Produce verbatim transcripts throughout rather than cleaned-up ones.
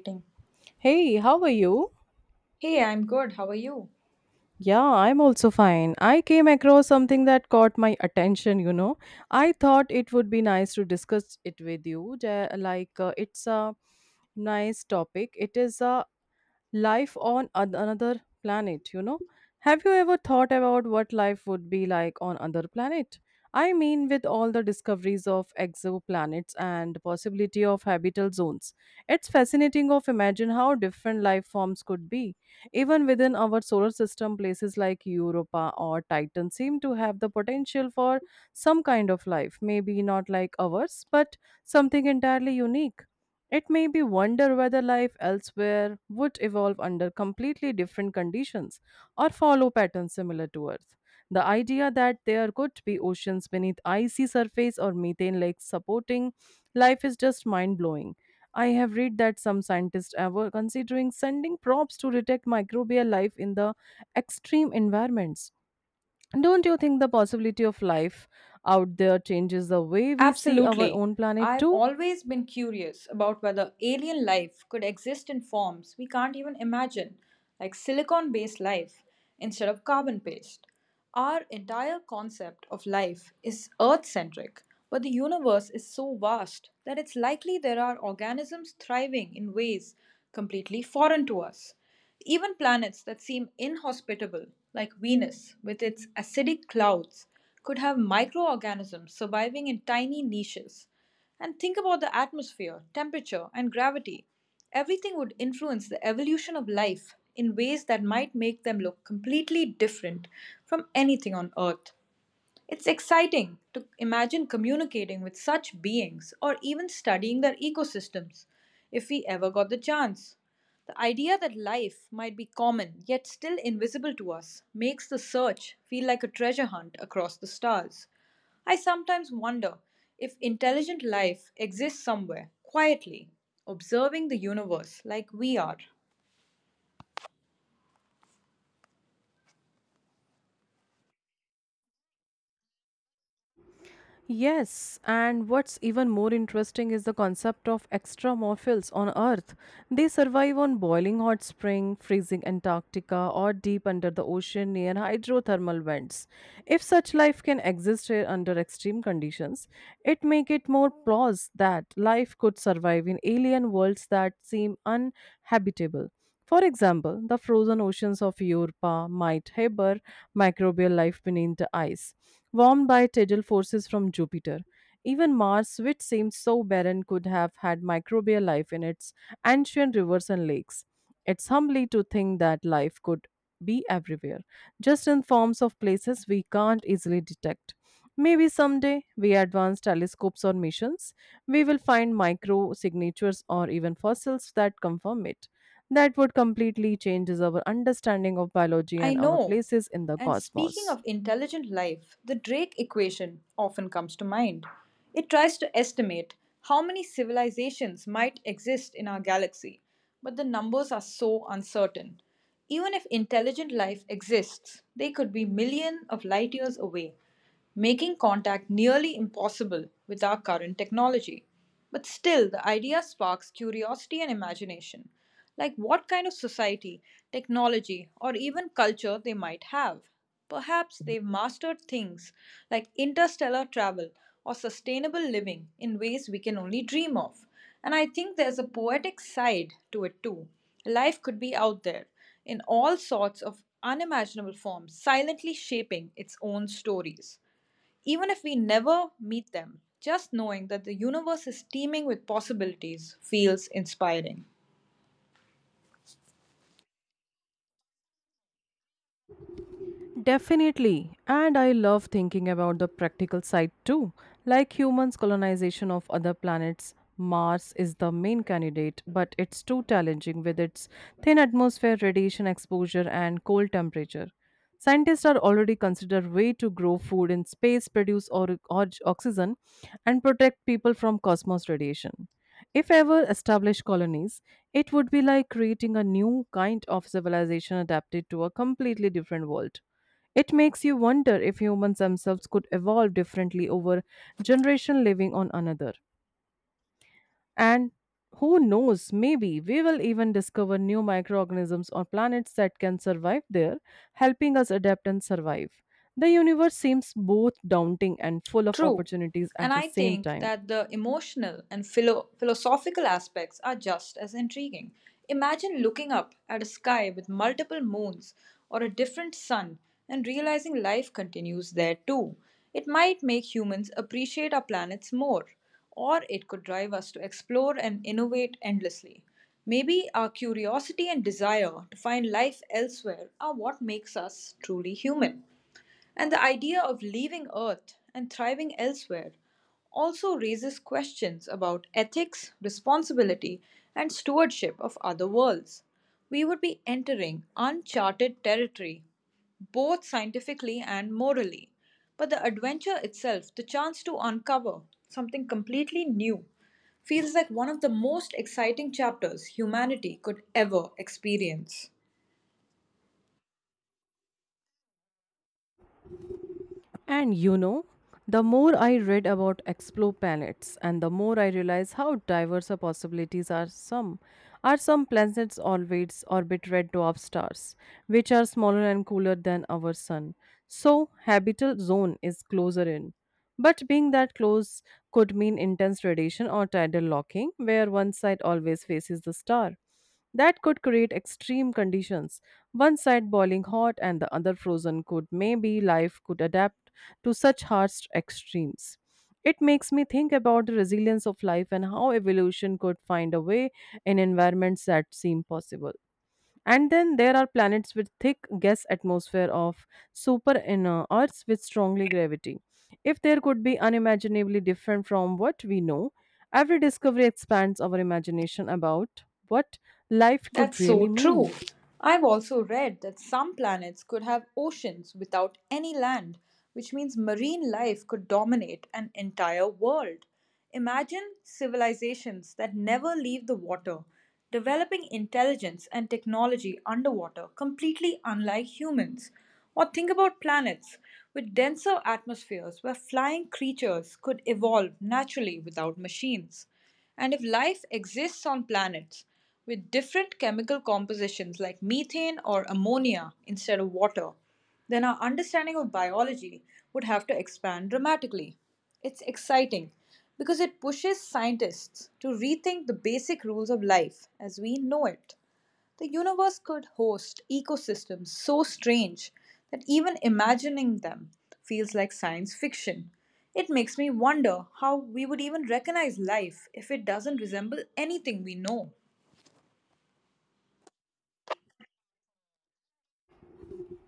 Meeting. Hey, how are you? Hey, I'm good. How are you? Yeah, I'm also fine. I came across something that caught my attention, you know. I thought it would be nice to discuss it with you. Ja- Like, uh, it's a nice topic. It is a life on an- another planet, you know? Have you ever thought about what life would be like on another planet? I mean, with all the discoveries of exoplanets and possibility of habitable zones, it's fascinating of imagine how different life forms could be. Even within our solar system, places like Europa or Titan seem to have the potential for some kind of life, maybe not like ours, but something entirely unique. It made me wonder whether life elsewhere would evolve under completely different conditions or follow patterns similar to Earth. The idea that there could be oceans beneath icy surface or methane lakes supporting life is just mind-blowing. I have read that some scientists are were considering sending probes to detect microbial life in the extreme environments. Don't you think the possibility of life out there changes the way we see our Absolutely. own planet I've too? always been curious about whether alien life could exist in forms we can't even imagine, like silicon based life instead of carbon based. Our entire concept of life is Earth centric, but the universe is so vast that it's likely there are organisms thriving in ways completely foreign to us. Even planets that seem inhospitable, like Venus with its acidic clouds, could have microorganisms surviving in tiny niches. And think about the atmosphere, temperature, and gravity. Everything would influence the evolution of life in ways that might make them look completely different from anything on Earth. It's exciting to imagine communicating with such beings or even studying their ecosystems if we ever got the chance. The idea that life might be common yet still invisible to us makes the search feel like a treasure hunt across the stars. I sometimes wonder if intelligent life exists somewhere, quietly, observing the universe like we are. Yes, and what's even more interesting is the concept of extramophils on Earth. They survive on boiling hot spring, freezing Antarctica, or deep under the ocean near hydrothermal vents. If such life can exist here under extreme conditions, it make it more plausible that life could survive in alien worlds that seem uninhabitable. For example, the frozen oceans of Europa might harbor microbial life beneath the ice, warmed by tidal forces from Jupiter. Even Mars, which seems so barren, could have had microbial life in its ancient rivers and lakes. It's humbling to think that life could be everywhere, just in forms of places we can't easily detect. Maybe someday, via advanced telescopes or missions, we will find micro signatures or even fossils that confirm it that would completely changes our understanding of biology I and our know. places in the And speaking cosmos. of intelligent life, the Drake equation often comes to mind. It tries to estimate how many civilizations might exist in our galaxy, but the numbers are so uncertain. Even if intelligent life exists, they could be millions of light years away making contact nearly impossible with our current technology. But still, the idea sparks curiosity and imagination, like what kind of society, technology, or even culture they might have. Perhaps they've mastered things like interstellar travel or sustainable living in ways we can only dream of. And I think there's a poetic side to it too. Life could be out there in all sorts of unimaginable forms, silently shaping its own stories. Even if we never meet them, just knowing that the universe is teeming with possibilities feels inspiring. Definitely. And I love thinking about the practical side too. Like humans' colonization of other planets, Mars is the main candidate, but it's too challenging with its thin atmosphere, radiation exposure, and cold temperature. Scientists are already considering way to grow food in space, produce or, or oxygen, and protect people from cosmos radiation. If ever established colonies, it would be like creating a new kind of civilization adapted to a completely different world. It makes you wonder if humans themselves could evolve differently over generation living on another. And who knows, maybe we will even discover new microorganisms on planets that can survive there, helping us adapt and survive. The universe seems both daunting and full of True. opportunities And at the I same think time. that the emotional and philo- philosophical aspects are just as intriguing. Imagine looking up at a sky with multiple moons or a different sun and realizing life continues there too. It might make humans appreciate our planets more, or it could drive us to explore and innovate endlessly. Maybe our curiosity and desire to find life elsewhere are what makes us truly human. And the idea of leaving Earth and thriving elsewhere also raises questions about ethics, responsibility, and stewardship of other worlds. We would be entering uncharted territory, both scientifically and morally. But the adventure itself, the chance to uncover something completely new, feels like one of the most exciting chapters humanity could ever experience. And you know, the more I read about explore planets and the more I realize how diverse the possibilities are some are some planets always orbit red dwarf stars, which are smaller and cooler than our sun. So habitable zone is closer in. But being that close could mean intense radiation or tidal locking, where one side always faces the star. That could create extreme conditions. One side boiling hot and the other frozen could maybe life could adapt to such harsh extremes. It makes me think about the resilience of life and how evolution could find a way in environments that seem possible. And then there are planets with thick gas atmosphere of super inner Earths with strongly gravity. If there could be unimaginably different from what we know, every discovery expands our imagination about what life could That's so really true. mean. I've also read that some planets could have oceans without any land, which means marine life could dominate an entire world. Imagine civilizations that never leave the water, developing intelligence and technology underwater, completely unlike humans. Or think about planets with denser atmospheres where flying creatures could evolve naturally without machines. And if life exists on planets, with different chemical compositions like methane or ammonia instead of water, then our understanding of biology would have to expand dramatically. It's exciting because it pushes scientists to rethink the basic rules of life as we know it. The universe could host ecosystems so strange that even imagining them feels like science fiction. It makes me wonder how we would even recognize life if it doesn't resemble anything we know.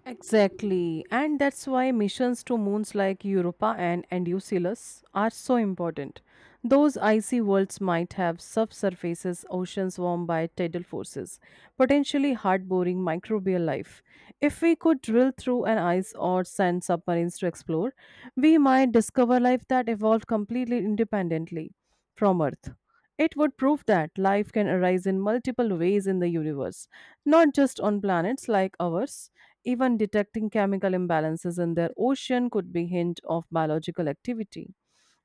Exactly. And that's why missions to moons like Europa and Enceladus are so important. Those icy worlds might have subsurfaces, oceans warmed by tidal forces, potentially hard-boring microbial life. If we could drill through an ice or send submarines to explore, we might discover life that evolved completely independently from Earth. It would prove that life can arise in multiple ways in the universe, not just on planets like ours. Even detecting chemical imbalances in their ocean could be hint of biological activity.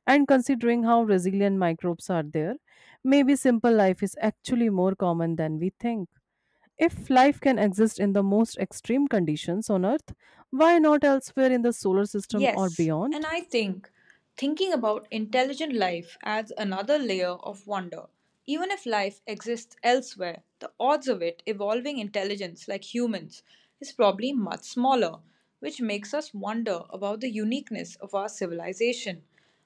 And considering how resilient microbes are there, maybe simple life is actually more common than we think. If life can exist in the most extreme conditions on Earth, why not elsewhere in the solar system or Yes, and beyond? I think thinking about intelligent life adds another layer of wonder. Even if life exists elsewhere, the odds of it evolving intelligence like humans is probably much smaller, which makes us wonder about the uniqueness of our civilization.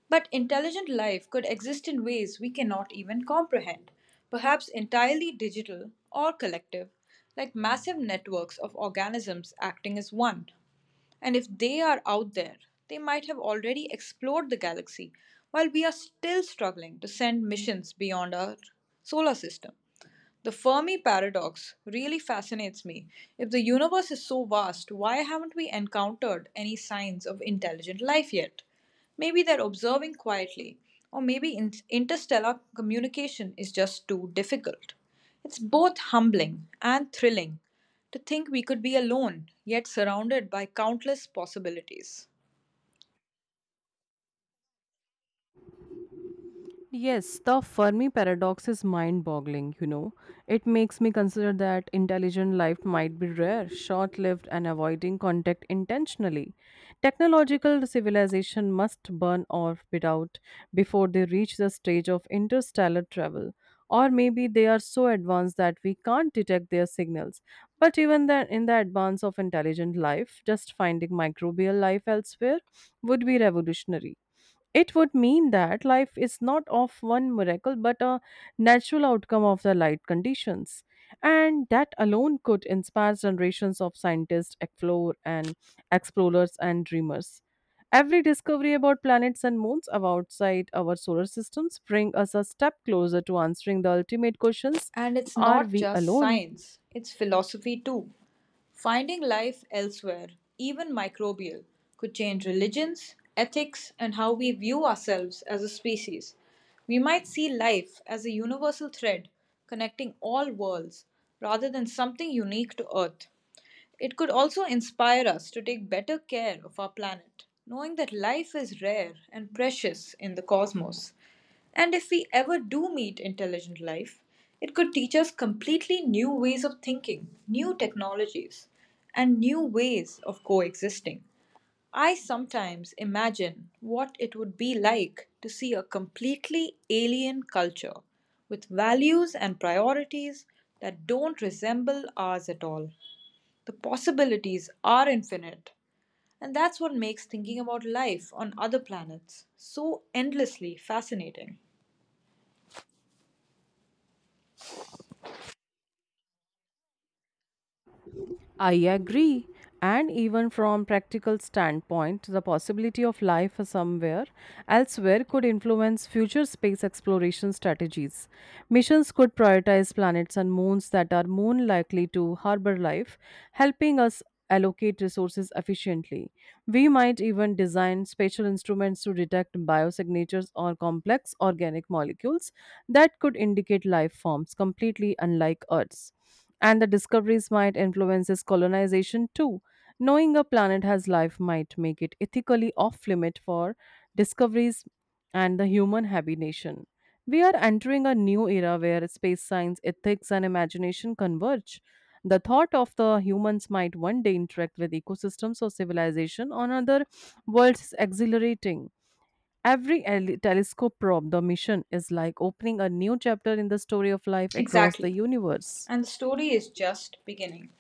But intelligent life could exist in ways we cannot even comprehend, perhaps entirely digital or collective, like massive networks of organisms acting as one. And if they are out there, they might have already explored the galaxy, while we are still struggling to send missions beyond our solar system. The Fermi paradox really fascinates me. If the universe is so vast, why haven't we encountered any signs of intelligent life yet? Maybe they're observing quietly, or maybe in- interstellar communication is just too difficult. It's both humbling and thrilling to think we could be alone, yet surrounded by countless possibilities. Yes, the Fermi paradox is mind boggling, you know. It makes me consider that intelligent life might be rare, short lived, and avoiding contact intentionally. Technological civilization must burn off without before they reach the stage of interstellar travel. Or maybe they are so advanced that we can't detect their signals. But even then, in the advance of intelligent life, just finding microbial life elsewhere would be revolutionary. It would mean that life is not of one miracle but a natural outcome of the light conditions. And that alone could inspire generations of scientists, explore and explorers and dreamers. Every discovery about planets and moons of outside our solar systems bring us a step closer to answering the ultimate questions: And it's Are not we just alone? science, it's philosophy too. Finding life elsewhere, even microbial, could change religions, ethics, and how we view ourselves as a species. We might see life as a universal thread connecting all worlds rather than something unique to Earth. It could also inspire us to take better care of our planet, knowing that life is rare and precious in the cosmos. And if we ever do meet intelligent life, it could teach us completely new ways of thinking, new technologies, and new ways of coexisting. I sometimes imagine what it would be like to see a completely alien culture with values and priorities that don't resemble ours at all. The possibilities are infinite, and that's what makes thinking about life on other planets so endlessly fascinating. I agree. And even from practical standpoint, the possibility of life somewhere elsewhere could influence future space exploration strategies. Missions could prioritize planets and moons that are more likely to harbor life, helping us allocate resources efficiently. We might even design spatial instruments to detect biosignatures or complex organic molecules that could indicate life forms completely unlike Earth's. And the discoveries might influence its colonization too. Knowing a planet has life might make it ethically off limit for discoveries and the human habitation. We are entering a new era where space science, ethics, and imagination converge. The thought of the humans might one day interact with ecosystems or civilization on other worlds is exhilarating. Every ele- telescope probe, the mission is like opening a new chapter in the story of life across the Exactly. universe. And the story is just beginning.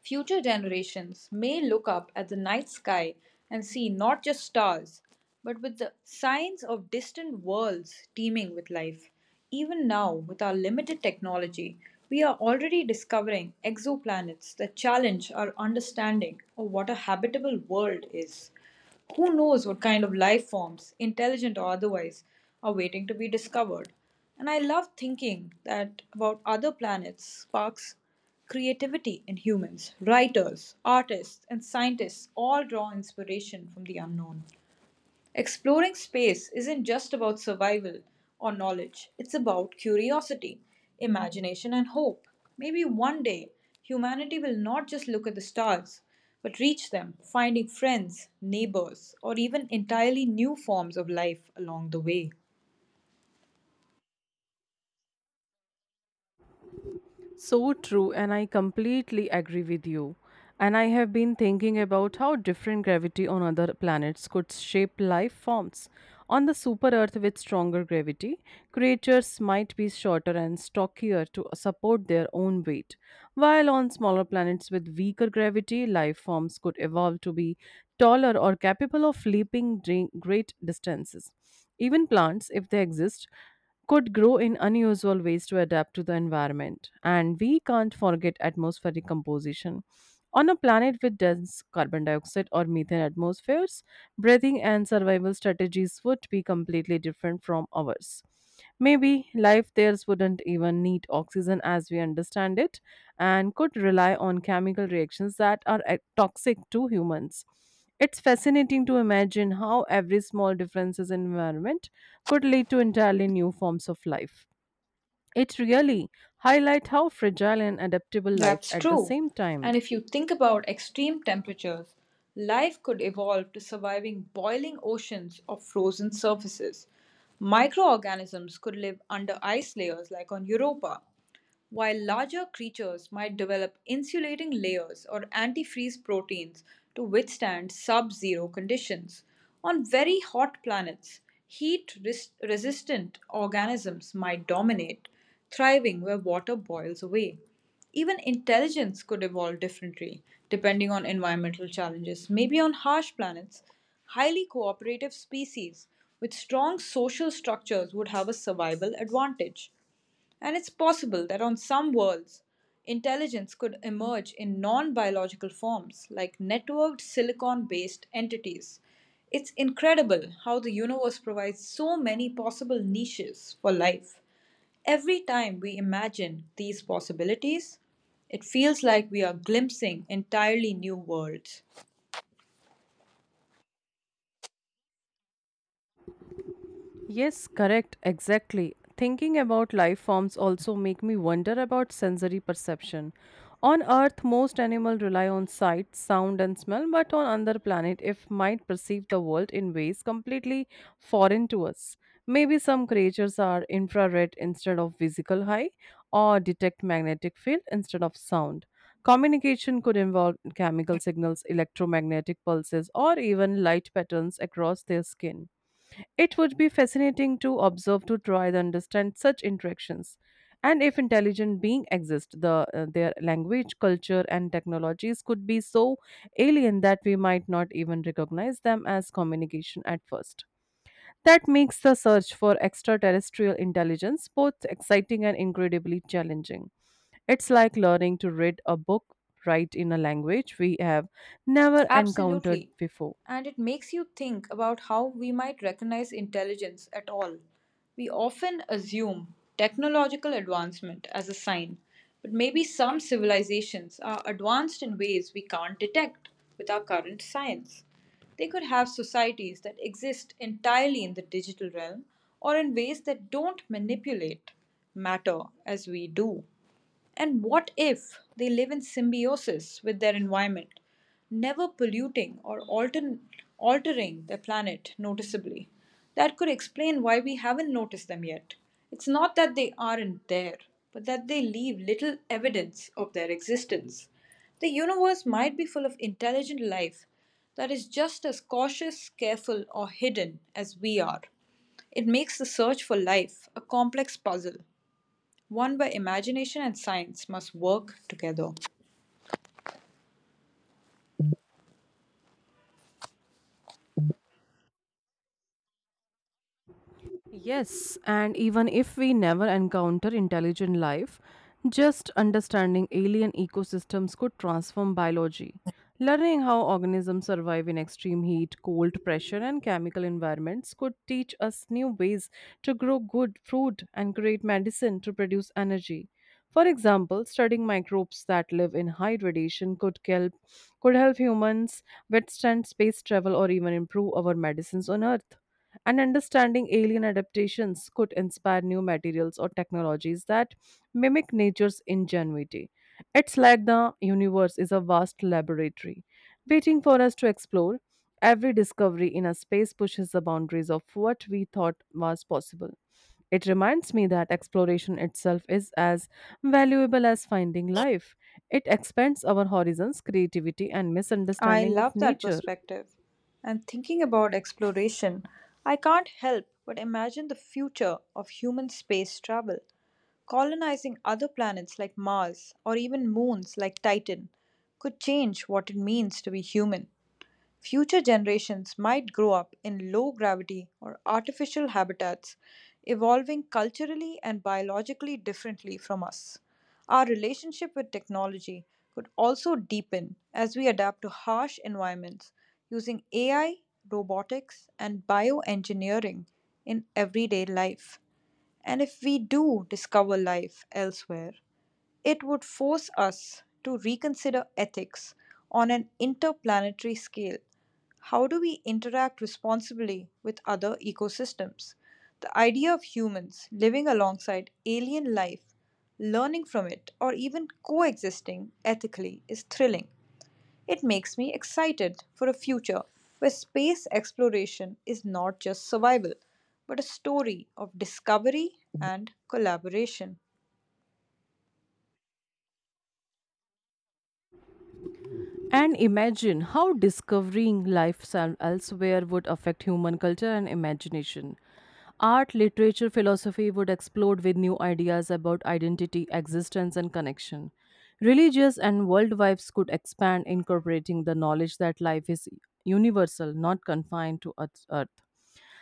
Future generations may look up at the night sky and see not just stars, but with the signs of distant worlds teeming with life. Even now, with our limited technology, we are already discovering exoplanets that challenge our understanding of what a habitable world is. Who knows what kind of life forms, intelligent or otherwise, are waiting to be discovered? And I love thinking that about other planets sparks creativity in humans. Writers, artists, and scientists all draw inspiration from the unknown. Exploring space isn't just about survival or knowledge, it's about curiosity, imagination, and hope. Maybe one day humanity will not just look at the stars, but reach them, finding friends, neighbors, or even entirely new forms of life along the way. So true, and I completely agree with you. And I have been thinking about how different gravity on other planets could shape life forms. On the super Earth with stronger gravity, creatures might be shorter and stockier to support their own weight, while on smaller planets with weaker gravity, life forms could evolve to be taller or capable of leaping dre- great distances. Even plants, if they exist, could grow in unusual ways to adapt to the environment. And we can't forget atmospheric composition. On a planet with dense carbon dioxide or methane atmospheres, breathing and survival strategies would be completely different from ours. Maybe life there wouldn't even need oxygen as we understand it and could rely on chemical reactions that are eh, toxic to humans. It's fascinating to imagine how every small differences in environment could lead to entirely new forms of life. It really highlights how fragile and adaptable life That's at the true. same And time. if you think about extreme temperatures, life could evolve to surviving boiling oceans of frozen surfaces. Microorganisms could live under ice layers like on Europa, while larger creatures might develop insulating layers or antifreeze proteins to withstand sub zero conditions. On very hot planets, heat resistant organisms might dominate, thriving where water boils away. Even intelligence could evolve differently depending on environmental challenges. Maybe on harsh planets, highly cooperative species with strong social structures would have a survival advantage. And it's possible that on some worlds, intelligence could emerge in non biological forms, like networked silicon based entities. It's incredible how the universe provides so many possible niches for life. Every time we imagine these possibilities, it feels like we are glimpsing entirely new worlds. Yes, correct, exactly. Thinking about life forms also make me wonder about sensory perception. On Earth, most animals rely on sight, sound, and smell, but on other planet, if might perceive the world in ways completely foreign to us. Maybe some creatures are infrared instead of visible high, or detect magnetic field instead of sound. Communication could involve chemical signals, electromagnetic pulses, or even light patterns across their skin. It would be fascinating to observe to try to understand such interactions. And if intelligent beings exist, the, uh, their language, culture, and technologies could be so alien that we might not even recognize them as communication at first. That makes the search for extraterrestrial intelligence both exciting and incredibly challenging. It's like learning to read a book, write in a language we have never encountered Absolutely. before. And it makes you think about how we might recognize intelligence at all. We often assume technological advancement as a sign, but maybe some civilizations are advanced in ways we can't detect with our current science. They could have societies that exist entirely in the digital realm or in ways that don't manipulate matter as we do. And what if they live in symbiosis with their environment, never polluting or altern- altering their planet noticeably? That could explain why we haven't noticed them yet. It's not that they aren't there, but that they leave little evidence of their existence. The universe might be full of intelligent life that is just as cautious, careful, or hidden as we are. It makes the search for life a complex puzzle one where imagination and science must work together. Yes, and even if we never encounter intelligent life, just understanding alien ecosystems could transform biology. Learning how organisms survive in extreme heat, cold, pressure, and chemical environments could teach us new ways to grow good food and create medicine to produce energy. For example, studying microbes that live in high radiation could help could help humans withstand space travel or even improve our medicines on Earth and understanding alien adaptations could inspire new materials or technologies that mimic nature's ingenuity. It's like the universe is a vast laboratory waiting for us to explore. Every discovery in a space pushes the boundaries of what we thought was possible. It reminds me that exploration itself is as valuable as finding life. It expands our horizons, creativity, and I misunderstanding of love that nature. perspective. And thinking about exploration, I can't help but imagine the future of human space travel, colonizing other planets like Mars or even moons like Titan could change what it means to be human. Future generations might grow up in low gravity or artificial habitats, evolving culturally and biologically differently from us. Our relationship with technology could also deepen as we adapt to harsh environments using A I, robotics, and bioengineering in everyday life. And if we do discover life elsewhere, it would force us to reconsider ethics on an interplanetary scale. How do we interact responsibly with other ecosystems? The idea of humans living alongside alien life, learning from it, or even coexisting ethically is thrilling. It makes me excited for a future where space exploration is not just survival, but a story of discovery and collaboration. And imagine how discovering life some- elsewhere would affect human culture and imagination. Art, literature, philosophy would explode with new ideas about identity, existence, and connection. Religious and world vibes could expand, incorporating the knowledge that life is universal, not confined to Earth. Earth.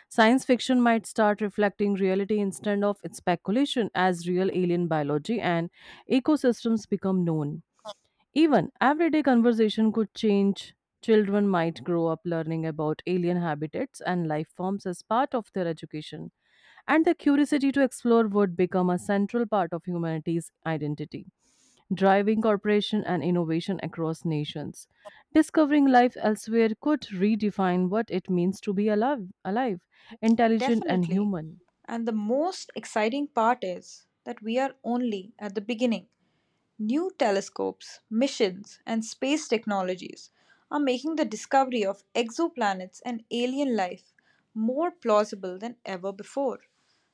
Science fiction might start reflecting reality instead of its speculation as real alien biology and ecosystems become known. Even everyday conversation could change. Children might grow up learning about alien habitats and life forms as part of their education, and the curiosity to explore would become a central part of humanity's identity, driving cooperation and innovation across nations. Discovering life elsewhere could redefine what it means to be alive, alive, intelligent and Definitely. human. And the most exciting part is that we are only at the beginning. New telescopes, missions, and space technologies are making the discovery of exoplanets and alien life more plausible than ever before.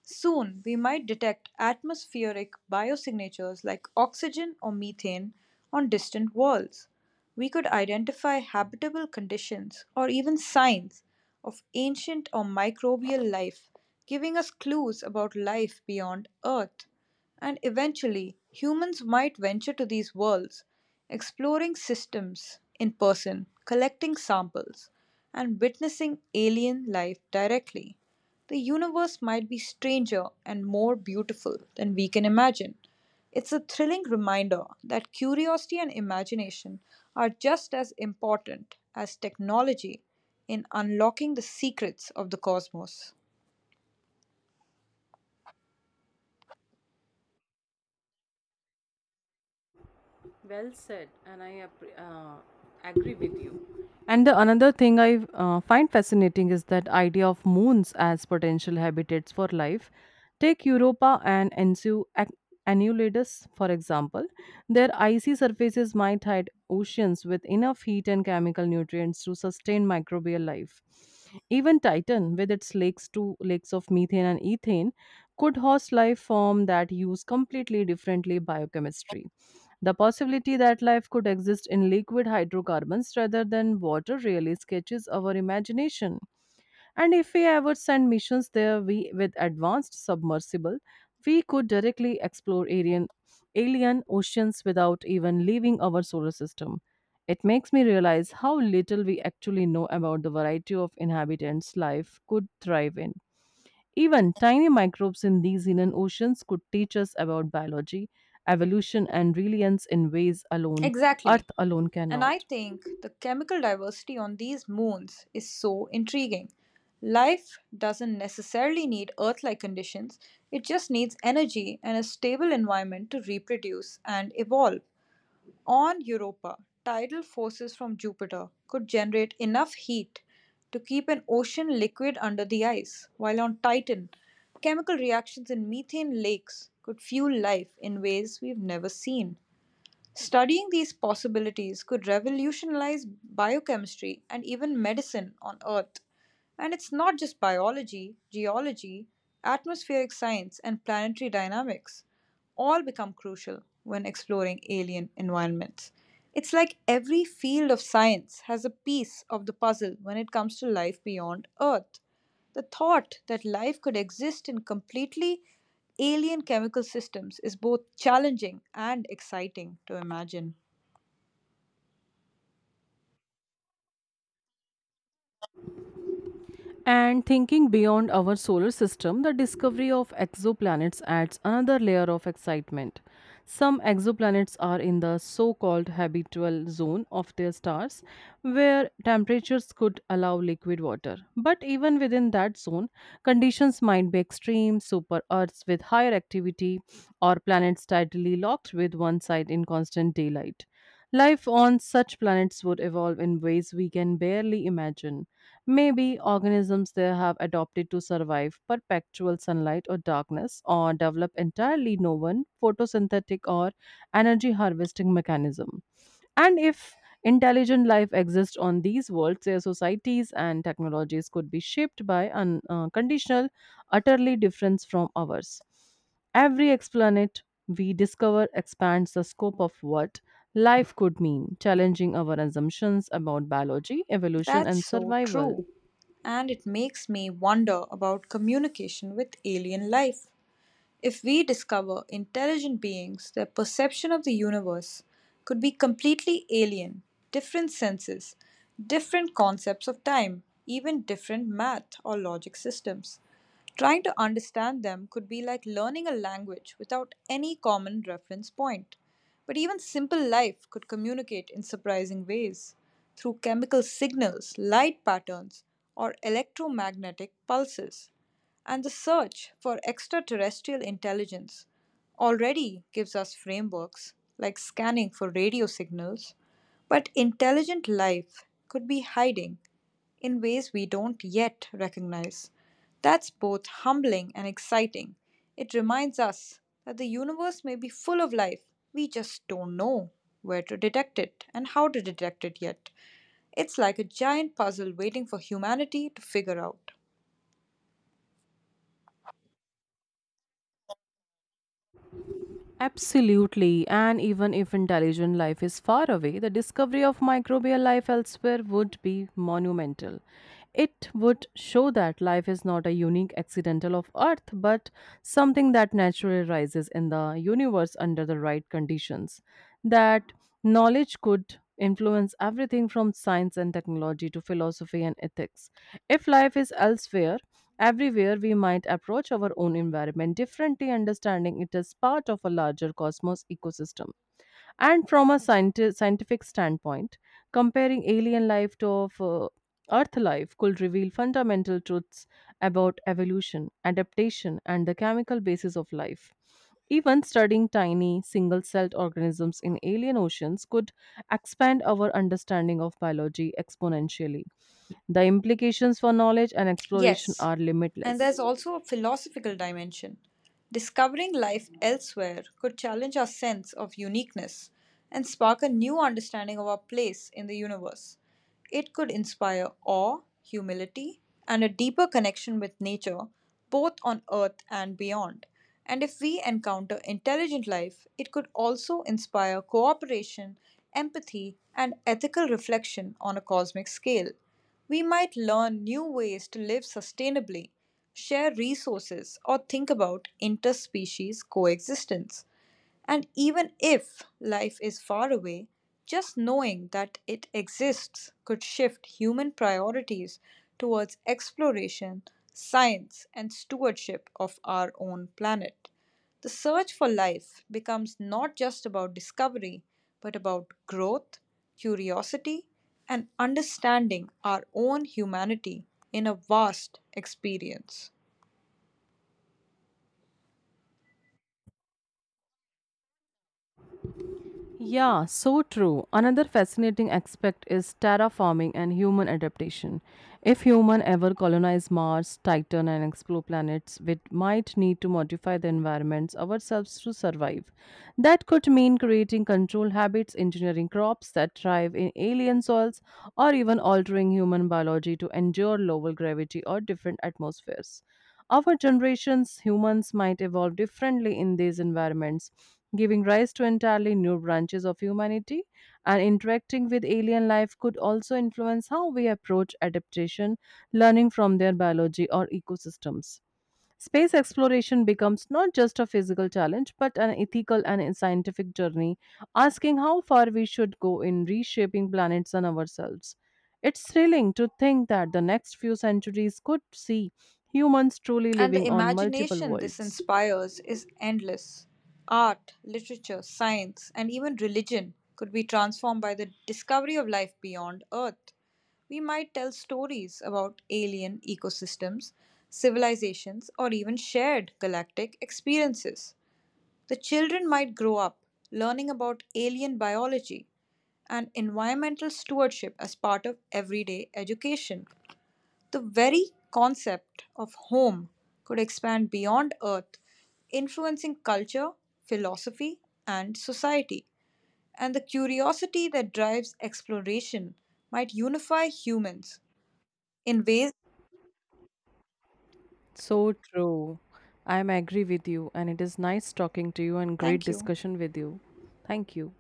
Soon, we might detect atmospheric biosignatures like oxygen or methane on distant worlds. We could identify habitable conditions or even signs of ancient or microbial life, giving us clues about life beyond Earth. And eventually, humans might venture to these worlds, exploring systems in person, collecting samples, and witnessing alien life directly. The universe might be stranger and more beautiful than we can imagine. It's a thrilling reminder that curiosity and imagination are just as important as technology in unlocking the secrets of the cosmos. Well said, and I appre- uh, agree with you. And the another thing I uh, find fascinating is that idea of moons as potential habitats for life. Take Europa and Ensu ac- Annulidus, for example. Their icy surfaces might hide oceans with enough heat and chemical nutrients to sustain microbial life. Even Titan, with its lakes to lakes of methane and ethane, could host life form that use completely differently biochemistry. The possibility that life could exist in liquid hydrocarbons rather than water really sketches our imagination. And if we ever send missions there we, with advanced submersible, we could directly explore alien, alien oceans without even leaving our solar system. It makes me realize how little we actually know about the variety of inhabitants life could thrive in. Even tiny microbes in these hidden oceans could teach us about biology, evolution, and reliance in ways alone, Exactly. Earth alone And I cannot. think the chemical diversity on these moons is so intriguing. Life doesn't necessarily need Earth like conditions, it just needs energy and a stable environment to reproduce and evolve. On Europa, tidal forces from Jupiter could generate enough heat to keep an ocean liquid under the ice, while on Titan, chemical reactions in methane lakes could fuel life in ways we've never seen. Studying these possibilities could revolutionize biochemistry and even medicine on Earth. And it's not just biology, geology, atmospheric science, and planetary dynamics. All become crucial when exploring alien environments. It's like every field of science has a piece of the puzzle when it comes to life beyond Earth. The thought that life could exist in completely alien chemical systems is both challenging and exciting to imagine. And thinking beyond our solar system, the discovery of exoplanets adds another layer of excitement. Some exoplanets are in the so called habitable zone of their stars, where temperatures could allow liquid water. But even within that zone, conditions might be extreme super Earths with higher activity, or planets tidally locked with one side in constant daylight. Life on such planets would evolve in ways we can barely imagine. Maybe organisms they have adopted to survive perpetual sunlight or darkness or develop entirely no one photosynthetic or energy harvesting mechanism. And if intelligent life exists on these worlds, their societies and technologies could be shaped by an uh, conditional, utterly different from ours. Every explanet we discover expands the scope of what life could mean, challenging our assumptions about biology, evolution, That's and so survival. true. And it makes me wonder about communication with alien life. If we discover intelligent beings, their perception of the universe could be completely alien, different senses, different concepts of time, even different math or logic systems. Trying to understand them could be like learning a language without any common reference point. But even simple life could communicate in surprising ways through chemical signals, light patterns, or electromagnetic pulses. And the search for extraterrestrial intelligence already gives us frameworks like scanning for radio signals, but intelligent life could be hiding in ways we don't yet recognize. That's both humbling and exciting. It reminds us that the universe may be full of life, we just don't know where to detect it and how to detect it yet. It's like a giant puzzle waiting for humanity to figure out. Absolutely, and even if intelligent life is far away, the discovery of microbial life elsewhere would be monumental. It would show that life is not a unique accidental of Earth, but something that naturally rises in the universe under the right conditions. That knowledge could influence everything from science and technology to philosophy and ethics. If life is elsewhere, everywhere, we might approach our own environment differently, understanding it as part of a larger cosmos ecosystem. And from a scienti- scientific standpoint, comparing alien life to of, uh, Earth life could reveal fundamental truths about evolution, adaptation, and the chemical basis of life. Even studying tiny, single celled organisms in alien oceans could expand our understanding of biology exponentially. The implications for knowledge and exploration Yes, are and limitless. there's also a philosophical dimension. Discovering life elsewhere could challenge our sense of uniqueness and spark a new understanding of our place in the universe. It could inspire awe, humility, and a deeper connection with nature, both on Earth and beyond. And if we encounter intelligent life, it could also inspire cooperation, empathy, and ethical reflection on a cosmic scale. We might learn new ways to live sustainably, share resources, or think about interspecies coexistence. And even if life is far away, just knowing that it exists could shift human priorities towards exploration, science, and stewardship of our own planet. The search for life becomes not just about discovery, but about growth, curiosity, and understanding our own humanity in a vast experience. Yeah, so true. Another fascinating aspect is terraforming and human adaptation. If human ever colonize Mars, Titan and explore planets, we might need to modify the environments ourselves to survive. That could mean creating control habits, engineering crops that thrive in alien soils, or even altering human biology to endure lower gravity or different atmospheres. Our generations, humans might evolve differently in these environments, giving rise to entirely new branches of humanity. And interacting with alien life could also influence how we approach adaptation, learning from their biology or ecosystems. Space exploration becomes not just a physical challenge, but an ethical and a scientific journey, asking how far we should go in reshaping planets and ourselves. It's thrilling to think that the next few centuries could see humans truly And the living on multiple imagination this worlds. inspires is endless. Art, literature, science, and even religion could be transformed by the discovery of life beyond Earth. We might tell stories about alien ecosystems, civilizations, or even shared galactic experiences. The children might grow up learning about alien biology and environmental stewardship as part of everyday education. The very concept of home could expand beyond Earth, influencing culture, philosophy, and society. And the curiosity that drives exploration might unify humans in ways. So true. I'm agree with you and it is nice talking to you and great Thank you. discussion with you. Thank you.